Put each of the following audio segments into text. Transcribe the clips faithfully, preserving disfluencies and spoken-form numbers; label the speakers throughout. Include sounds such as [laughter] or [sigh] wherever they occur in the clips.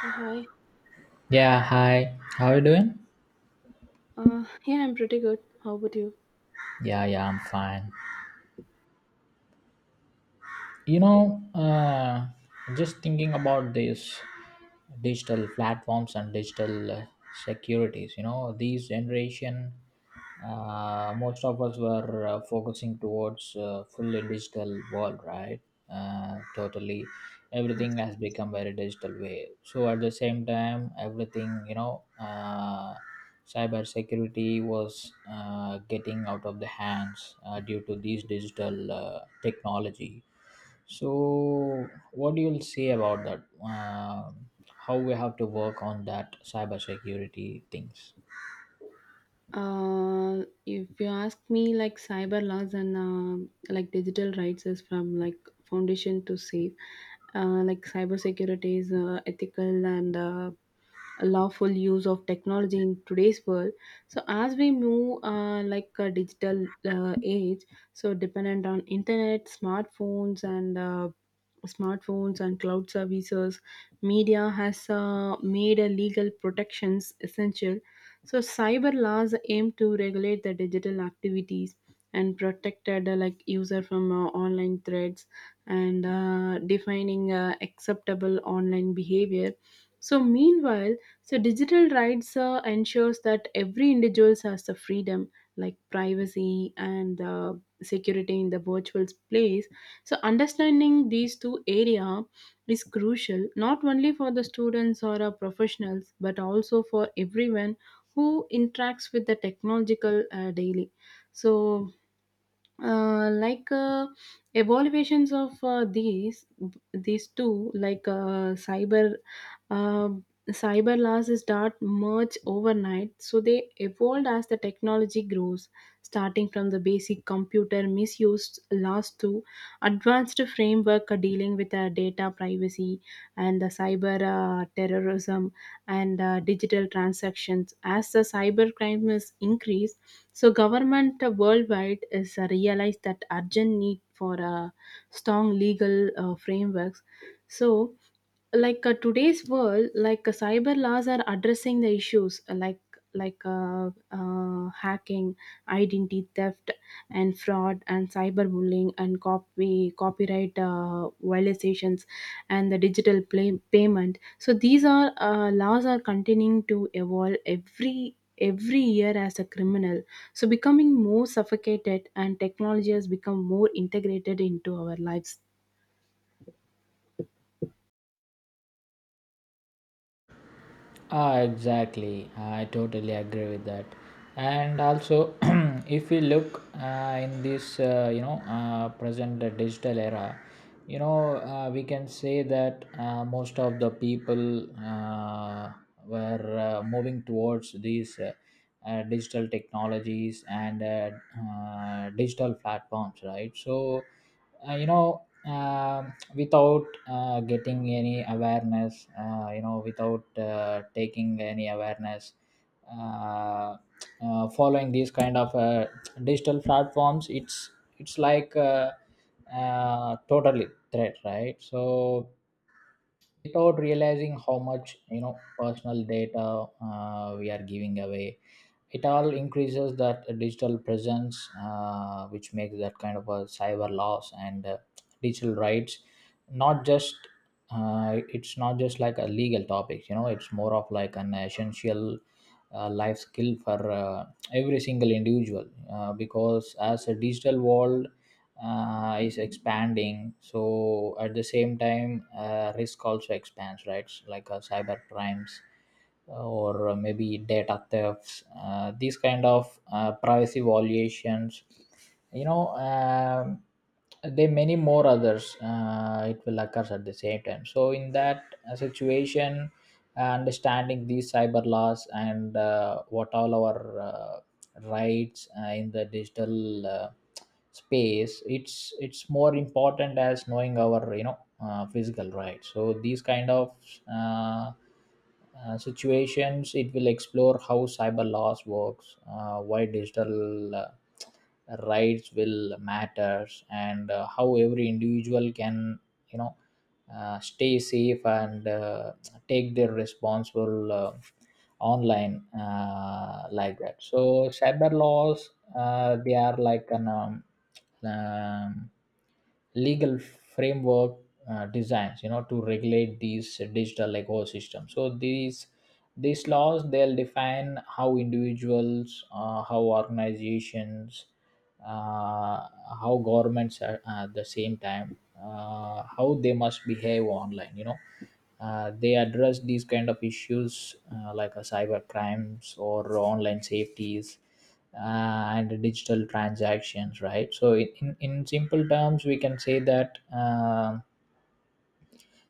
Speaker 1: Yeah, hi.
Speaker 2: Yeah, hi. How are you doing?
Speaker 1: Uh, yeah, I'm pretty good. How about you?
Speaker 2: Yeah, yeah, I'm fine. you know uh, just thinking about these digital platforms and digital uh, securities, you know, these generation. Uh, most of us were uh, focusing towards uh, fully digital world, right? Uh, totally, everything
Speaker 1: Yes.
Speaker 2: has become very digital way. So at the same time, everything, you know uh, cyber security was uh, getting out of the hands uh, due to these digital uh, technology. So what do you say about that? Um how we have to work on that cybersecurity things?
Speaker 1: Uh, if you ask me, like cyber laws and um like digital rights is from like foundation to safe. Uh, like cyber security is uh, ethical and uh, lawful use of technology in today's world. So as we move uh, like a digital uh, age, so dependent on internet, smartphones, and uh, smartphones and cloud services, media has uh, made a legal protections essential, so cyber laws aim to regulate the digital activities and protect uh, the like user from uh, online threats and uh, defining uh, acceptable online behavior. So meanwhile, so digital rights uh, ensures that every individual has the freedom like privacy and uh, security in the virtual place. So understanding these two area is crucial not only for the students or our professionals but also for everyone who interacts with the technological uh, daily. So uh, like uh, evaluations of uh, these these two like uh, cyber uh, cyber laws start merge overnight, so they evolved as the technology grows, starting from the basic computer misuse laws to advanced framework dealing with uh, data privacy and the cyber uh, terrorism and uh, digital transactions. As the cyber crime is increased, so government worldwide is uh, realized that urgent need for uh, strong legal uh, frameworks. So like uh, today's world, like uh, cyber laws are addressing the issues uh, like like uh, uh, hacking, identity theft, and fraud, and cyberbullying, and copy copyright uh, violations, and the digital play, payment. So these are uh, laws are continuing to evolve every every year as a criminal, so, becoming more suffocated and technology has become more integrated into our lives.
Speaker 2: Ah, exactly. I totally agree with that. And also, [clears throat] if we look uh, in this, uh, you know, uh, present uh, digital era, you know, uh, we can say that uh, most of the people uh, were uh, moving towards these uh, uh, digital technologies and uh, uh, digital platforms, right? So, uh, you know, um without uh, getting any awareness, uh, you know, without uh, taking any awareness, uh, uh, following these kind of uh, digital platforms, it's it's like uh, uh, totally threat, right? So without realizing how much, you know, personal data uh, we are giving away, it all increases that digital presence uh, which makes that kind of a cyber loss and uh, digital rights, not just uh, it's not just like a legal topic, you know, it's more of like an essential uh, life skill for uh, every single individual, uh, because as a digital world uh, is expanding, so at the same time uh, risk also expands, right? Like uh, cyber crimes uh, or uh, maybe data thefts, uh, these kind of uh, privacy violations, you know, um there many more others, uh, it will occurs at the same time. So in that uh, situation, uh, understanding these cyber laws and uh, what all our uh, rights uh, in the digital uh, space, it's it's more important as knowing our, you know, uh, physical rights. So these kind of uh, uh, situations, it will explore how cyber laws works, uh, why digital uh, rights will matters and uh, how every individual can, you know, uh, stay safe and uh, take their responsible uh, online, uh, like that. So cyber laws, uh, they are like an um, um, legal framework uh, designs, you know, to regulate these digital ecosystems. So these these laws, they'll define how individuals, uh, how organizations, uh, how governments are, uh, at the same time, uh, how they must behave online, you know, uh, they address these kind of issues, uh, like uh, cyber crimes or online safeties, uh, and digital transactions, right? So in, in in simple terms, we can say that um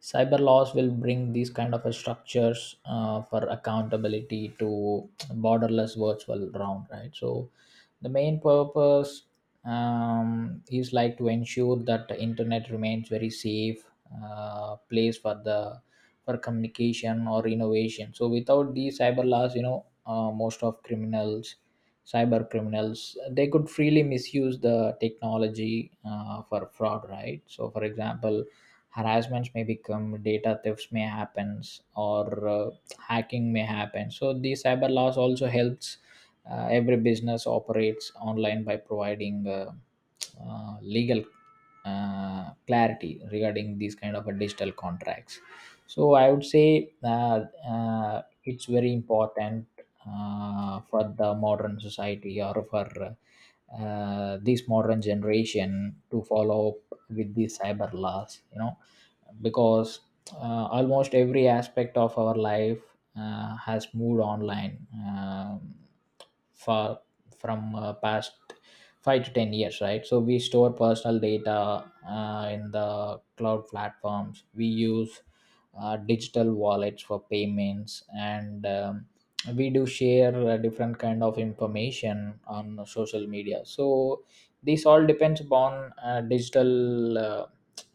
Speaker 2: cyber laws will bring these kind of a structures uh, for accountability to borderless virtual round, right? So the main purpose, um, is like to ensure that the internet remains very safe uh, place for the, for communication or innovation. So without these cyber laws, you know, uh, most of criminals, cyber criminals, they could freely misuse the technology uh, for fraud, right? So for example, harassments may become, data thefts may happen, or uh, hacking may happen. So the cyber laws also helps uh, every business operates online by providing uh, uh, legal uh, clarity regarding these kind of a digital contracts. So I would say uh, uh, it's very important uh, for the modern society or for uh, this modern generation to follow up with the cyber laws, you know, because uh, almost every aspect of our life uh, has moved online, um, for, from uh, past five to ten years, right? So we store personal data uh, in the cloud platforms. We use uh, digital wallets for payments, and um, we do share uh, different kind of information on social media. So this all depends upon uh, digital. Uh,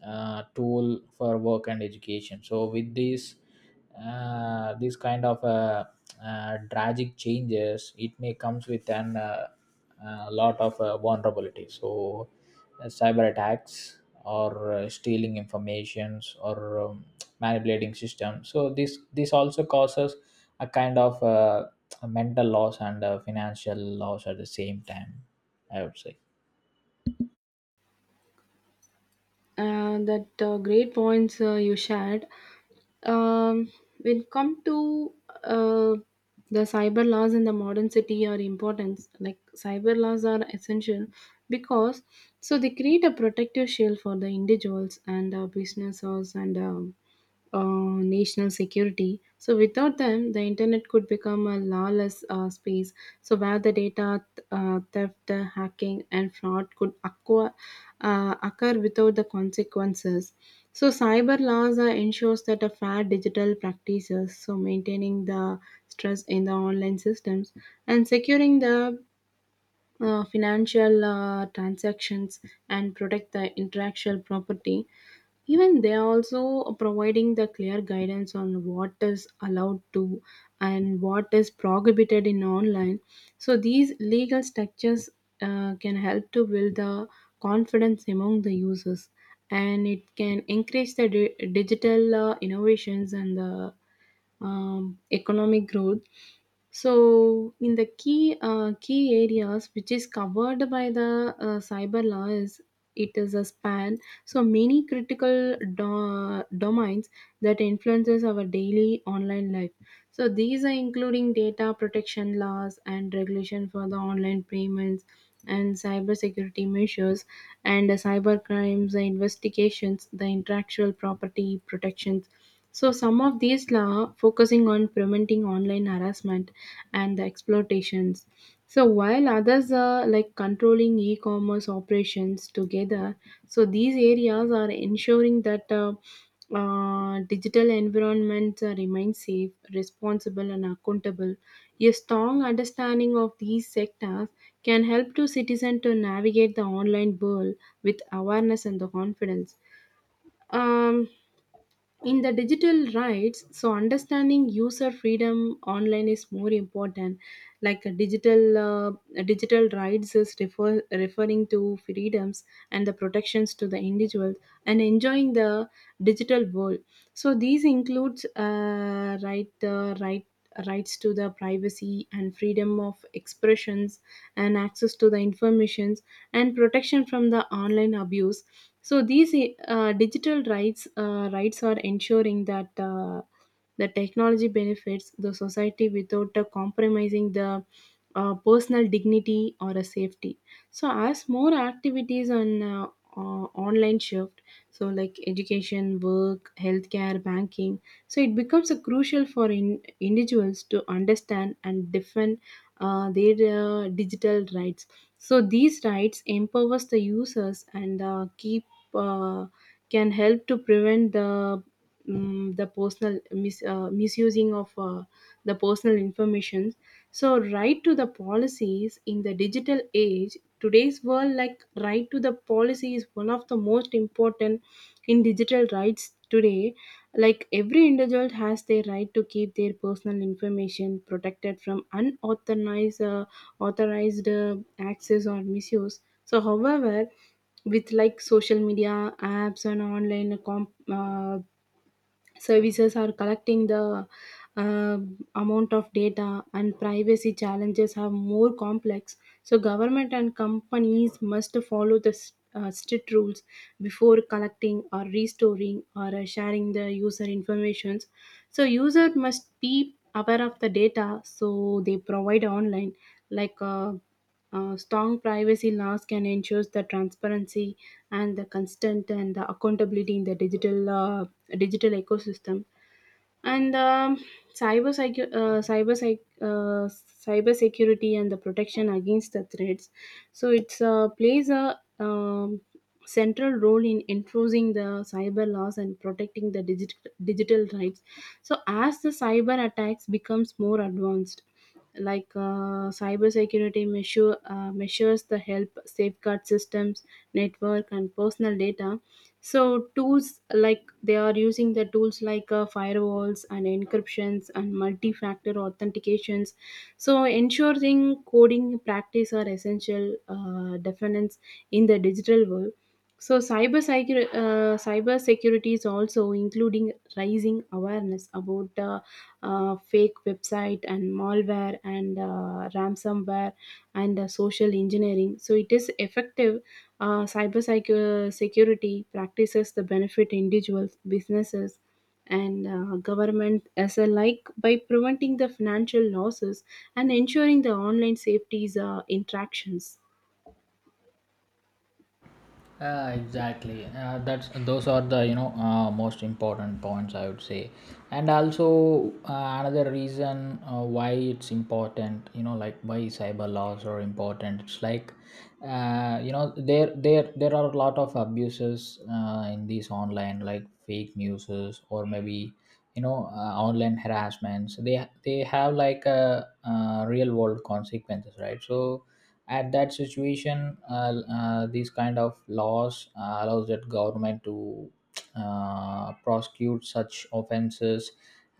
Speaker 2: uh, Tool for work and education. So with these uh, these kind of uh, uh, tragic changes, it may comes with an uh, uh, lot of uh, vulnerability. So uh, cyber attacks or uh, stealing informations or um, manipulating systems. So this this also causes a kind of uh, mental loss and uh, financial loss at the same time. I would say.
Speaker 1: Uh, that uh, great points uh, you shared. Um, when come to uh, the cyber laws in the modern city are important. Like cyber laws are essential because so they create a protective shield for the individuals and uh, businesses and um, uh, national security. So without them, the internet could become a lawless uh, space. So where the data uh, theft, uh, hacking, and fraud could occur, uh, occur without the consequences. So cyber laws uh, ensures that a fair digital practices. So maintaining the stress in the online systems and securing the uh, financial uh, transactions and protect the intellectual property, even they are also providing the clear guidance on what is allowed to and what is prohibited in online. So these legal structures uh, can help to build the confidence among the users, and it can encourage the di- digital uh, innovations and the um, economic growth. So in the key uh, key areas which is covered by the uh, cyber law, is it is a span, so many critical do- domains that influences our daily online life. So these are including data protection laws and regulation for the online payments and cybersecurity measures and the cyber crimes, the investigations, the intellectual property protections. So some of these law focusing on preventing online harassment and the exploitations. So while others are like controlling e-commerce operations together, so these areas are ensuring that uh, uh, digital environments uh, remain safe, responsible, and accountable. A strong understanding of these sectors can help to citizen to navigate the online world with awareness and the confidence. Um, in the digital rights, so understanding user freedom online is more important. Like a digital uh, a digital rights is refer, referring to freedoms and the protections to the individuals and enjoying the digital world. So these includes uh, right the right rights to the privacy and freedom of expressions and access to the information and protection from the online abuse. So these uh, digital rights uh, rights are ensuring that uh, the technology benefits the society without uh, compromising the uh, personal dignity or a safety. So as more activities on uh, uh, online shift, so like education, work, healthcare, banking, so it becomes a crucial for in individuals to understand and defend uh, their uh, digital rights. So these rights empowers the users and uh, keep uh, can help to prevent the um, the personal mis- uh, misusing of uh, the personal information. So right to the policies in the digital age today's world, like right to the policy is one of the most important in digital rights today. Like every individual has their right to keep their personal information protected from unauthorized uh, authorized uh, access or misuse. So, however, with like social media apps and online com- uh, services are collecting the uh, amount of data, and privacy challenges are more complex. So government and companies must follow the s- uh, strict rules before collecting or restoring or uh, sharing the user informations. So user must be aware of the data, so they provide online like uh, uh, strong privacy laws can ensure the transparency and the constant and the accountability in the digital uh, digital ecosystem. And um, cyber secu- uh, cyber sec- uh, cyber security and the protection against the threats. So it's uh, plays a um, central role in enforcing the cyber laws and protecting the digital digital rights. So as the cyber attacks becomes more advanced, like uh, cybersecurity measure, uh, measures the help safeguard systems, network, and personal data. So tools like they are using the tools like uh, firewalls and encryptions and multi-factor authentications. So ensuring coding practice are essential uh, defense in the digital world. So cyber cyber uh, cyber security is also including rising awareness about uh, uh, fake website and malware and uh, ransomware and uh, social engineering. So it is effective. Uh, cyber secu- security practices the benefit individuals, businesses, and uh, government as alike by preventing the financial losses and ensuring the online safety's uh, interactions.
Speaker 2: Uh, exactly. Uh, that's, those are the, you know, uh, most important points, I would say, and also uh, another reason uh, why it's important. You know, like why cyber laws are important. It's like, uh, you know, there there there are a lot of abuses uh, in these online, like fake newses or maybe, you know, uh, online harassments. They they have like a, uh, real world consequences, right? So at that situation, uh, uh, these kind of laws uh, allows that government to uh, prosecute such offenses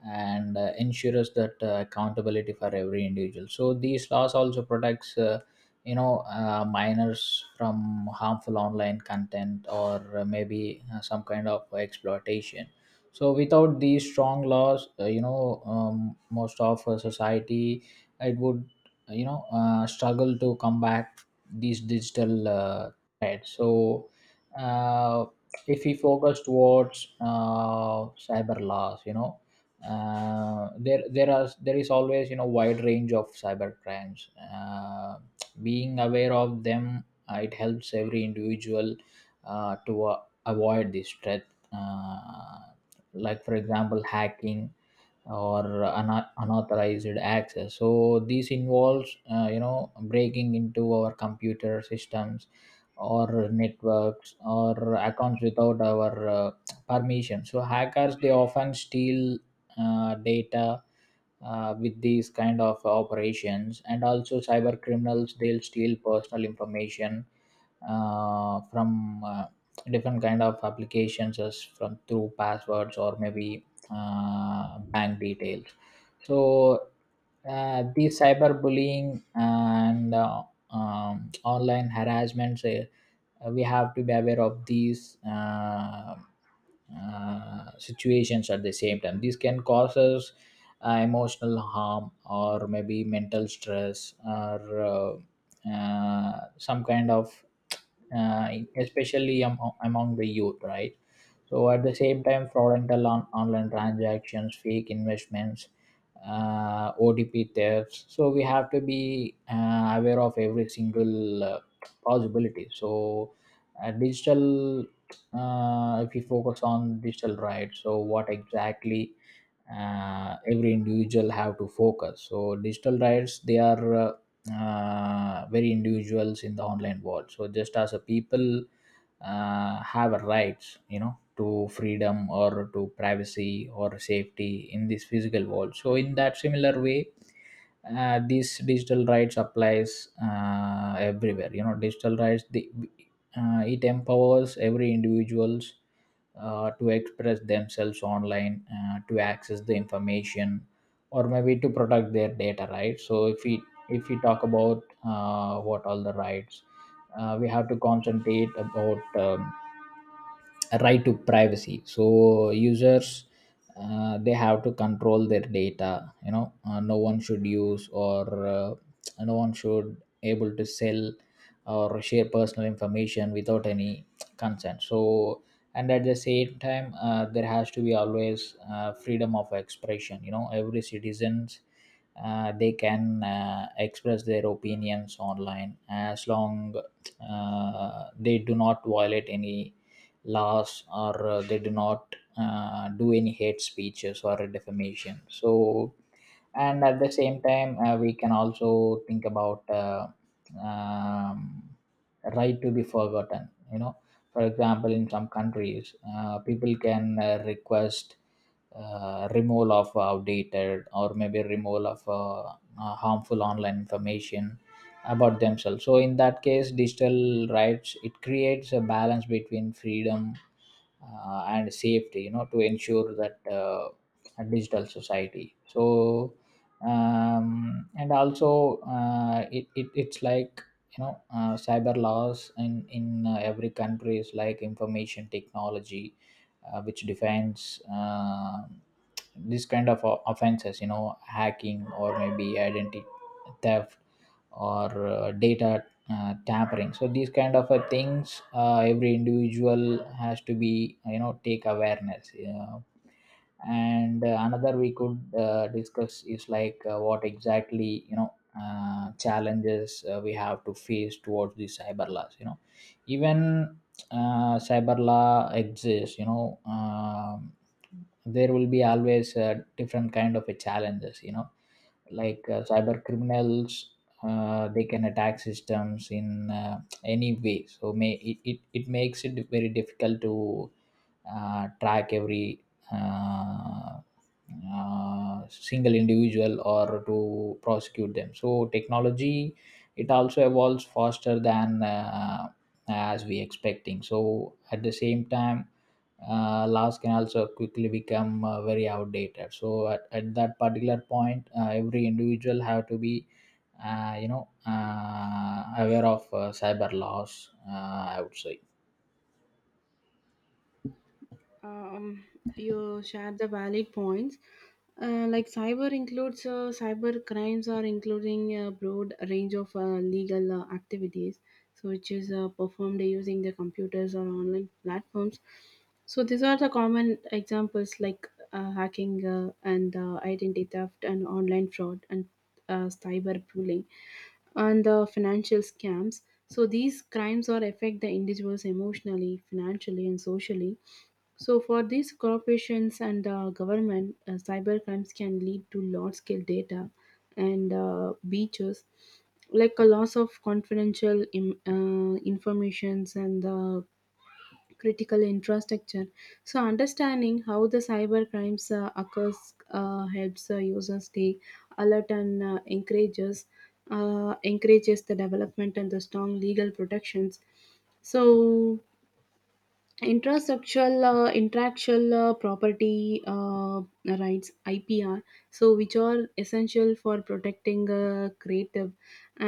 Speaker 2: and uh, ensures that uh, accountability for every individual. So these laws also protects uh, you know, uh, minors from harmful online content or uh, maybe uh, some kind of exploitation. So without these strong laws, uh, you know, um, most of uh, society, it would, you know, uh, struggle to combat these digital uh, threats. So uh, if we focus towards uh, cyber laws, you know, uh, there there are there is always, you know, wide range of cyber crimes. Uh, being aware of them, uh, it helps every individual uh, to uh, avoid this threat, uh, like for example hacking or una- unauthorized access. So this involves, uh, you know, breaking into our computer systems or networks or accounts without our uh, permission. So hackers, they often steal uh, data uh, with these kind of operations. And also cyber criminals, they'll steal personal information uh, from uh, different kind of applications, as from through passwords or maybe uh, bank details. So uh, the cyberbullying and uh, um, online harassment, uh, we have to be aware of these uh, uh, situations at the same time. These can cause us uh, emotional harm or maybe mental stress or uh, uh, some kind of, uh, especially am- among the youth, right? So at the same time, fraudulent on online transactions, fake investments, uh, O T P thefts. So we have to be uh, aware of every single uh, possibility. So uh, digital, uh, if we focus on digital rights, so what exactly uh, every individual have to focus. So digital rights, they are uh, uh, very individuals in the online world. So just as a people uh, have a rights, you know, to freedom or to privacy or safety in this physical world. So in that similar way, uh, these digital rights applies uh, everywhere, you know, digital rights the, uh, it empowers every individuals uh, to express themselves online, uh, to access the information or maybe to protect their data, right? So if we if we talk about uh, what all the rights uh, we have to concentrate about, um, right to privacy. So users, uh, they have to control their data, you know, uh, no one should use or uh, no one should able to sell or share personal information without any consent. So, and at the same time uh, there has to be always uh, freedom of expression, you know, every citizens, uh, they can uh, express their opinions online, as long uh, they do not violate any laws or uh, they do not uh, do any hate speeches or defamation. So, and at the same time uh, we can also think about uh, um, right to be forgotten, you know, for example, in some countries uh, people can uh, request uh, removal of outdated or maybe removal of uh, uh, harmful online information about themselves. So in that case, digital rights, it creates a balance between freedom uh, and safety, you know, to ensure that uh, a digital society. So um, and also uh, it, it it's like, you know, uh, cyber laws in in uh, every country is like information technology uh, which defines uh, this kind of o- offenses, you know, hacking or maybe identity theft or uh, data uh, tampering. So these kind of uh, things, uh, every individual has to be, you know, take awareness. Uh, and uh, another we could uh, discuss is like, uh, what exactly, you know, uh, challenges uh, we have to face towards the cyber laws, you know, even uh, cyber law exists, you know, um, there will be always uh, different kind of a challenges, you know, like uh, cyber criminals, uh, they can attack systems in uh, any way. So may it, it, it makes it very difficult to uh, track every uh, uh, single individual or to prosecute them. So technology, it also evolves faster than uh, as we expecting. So at the same time, uh, laws can also quickly become uh, very outdated. So at, at that particular point, uh, every individual have to be uh, you know, uh, aware of uh, cyber laws, Uh, I would say.
Speaker 1: um, you shared the valid points. Uh, like cyber includes uh, cyber crimes are including a broad range of uh, legal uh, activities, so which is uh, performed using the computers or online platforms. So these are the common examples like uh, hacking uh, and uh, identity theft and online fraud and uh, cyber bullying and the financial scams. So these crimes are affect the individuals emotionally, financially, and socially. So, for these corporations and uh, government, uh, cyber crimes can lead to large scale data and uh, breaches, like a loss of confidential Im- uh, informations and uh, critical infrastructure. So, understanding how the cyber crimes uh, occurs uh, helps uh, users stay alert and uh, encourages uh, encourages the development and the strong legal protections. So, intrasexual uh, intellectual uh, property uh, rights, IPR, so which are essential for protecting uh, creative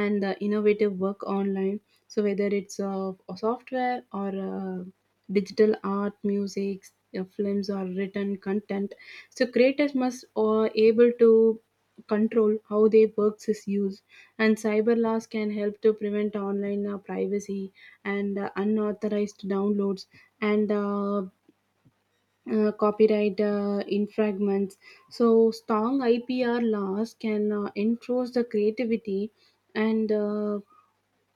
Speaker 1: and uh, innovative work online. So whether it's uh, a software or uh, digital art, music, uh, films or written content, so creators must uh, able to control how their works is used, and cyber laws can help to prevent online uh, privacy and uh, unauthorized downloads and uh, uh, copyright uh, infringements. So strong I P R laws can uh, enforce the creativity and uh,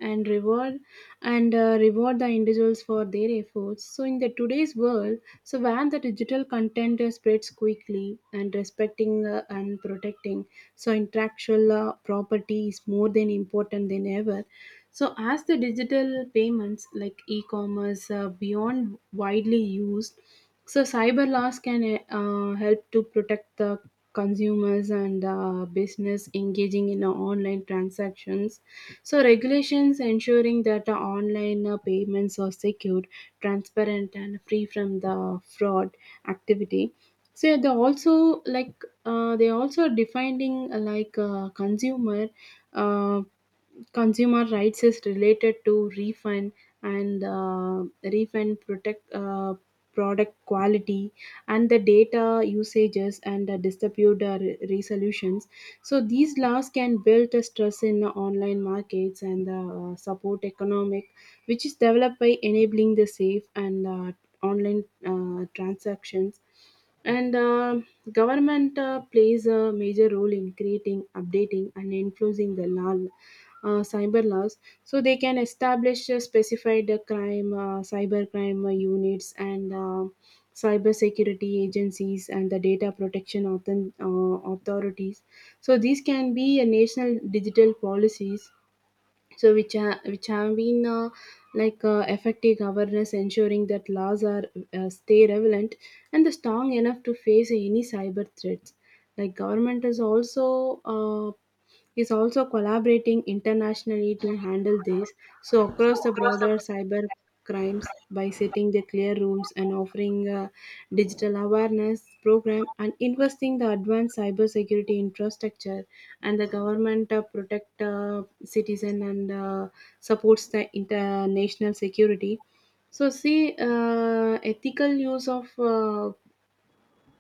Speaker 1: and reward and uh, reward the individuals for their efforts. So in the today's world, so when the digital content uh, spreads quickly and respecting uh, and protecting, so intellectual uh, property is more than important than ever. So as the digital payments, like e-commerce, uh, beyond widely used, so cyber laws can uh, uh, help to protect the consumers and uh, business engaging in uh, online transactions. So regulations ensuring that the online uh, payments are secured, transparent, and free from the fraud activity. So yeah, they also like uh, they also defining uh, like uh, consumer uh, consumer rights is related to refund and uh, refund protect uh, product quality and the data usages and the dispute uh, re- resolutions. So these laws can build a stress in the online markets and uh, support economic which is developed by enabling the safe and uh, online uh, transactions. And um Government uh, plays a major role in creating, updating, and enforcing the law, uh, cyber laws. So they can establish uh, specified uh, crime, uh, cyber crime uh, units, and uh, cyber security agencies and the data protection author- uh, authorities. So these can be a national digital policies, so which ha- which have been uh, like uh, effective governance ensuring that laws are uh, stay relevant and the strong enough to face any cyber threats. Like government is also uh, is also collaborating internationally to handle this, so across the broader cyber crimes, by setting the clear rules and offering a digital awareness program and investing the advanced cybersecurity infrastructure, and the government uh, protect uh, citizen and uh, supports the international security. So see uh, ethical use of uh,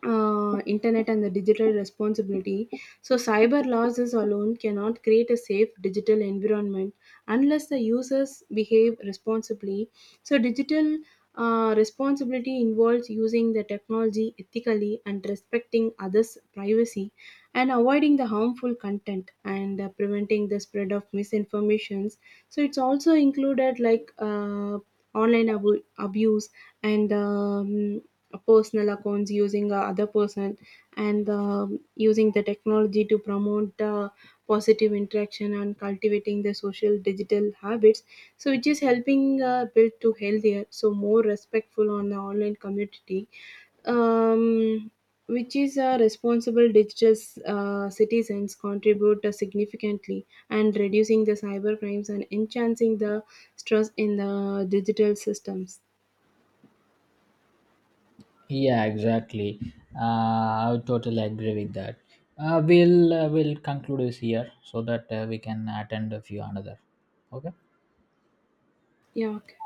Speaker 1: uh, internet and the digital responsibility. So, cyber losses alone cannot create a safe digital environment unless the users behave responsibly. So, digital uh, responsibility involves using the technology ethically and respecting others' privacy and avoiding the harmful content and uh, preventing the spread of misinformations. So, it's also included like uh, online abu- abuse and um, personal accounts using uh, other person and um using the technology to promote uh, positive interaction and cultivating the social digital habits, so which is helping uh, build to healthier, so more respectful on the online community. um, which is a responsible digital uh, citizens contribute uh, significantly and reducing the cyber crimes and enhancing the stress in the digital systems.
Speaker 2: Yeah, exactly. Uh, I would totally agree with that. Uh, we'll uh, we'll conclude this here so that uh, we can attend a few another. Okay.
Speaker 1: Yeah, okay.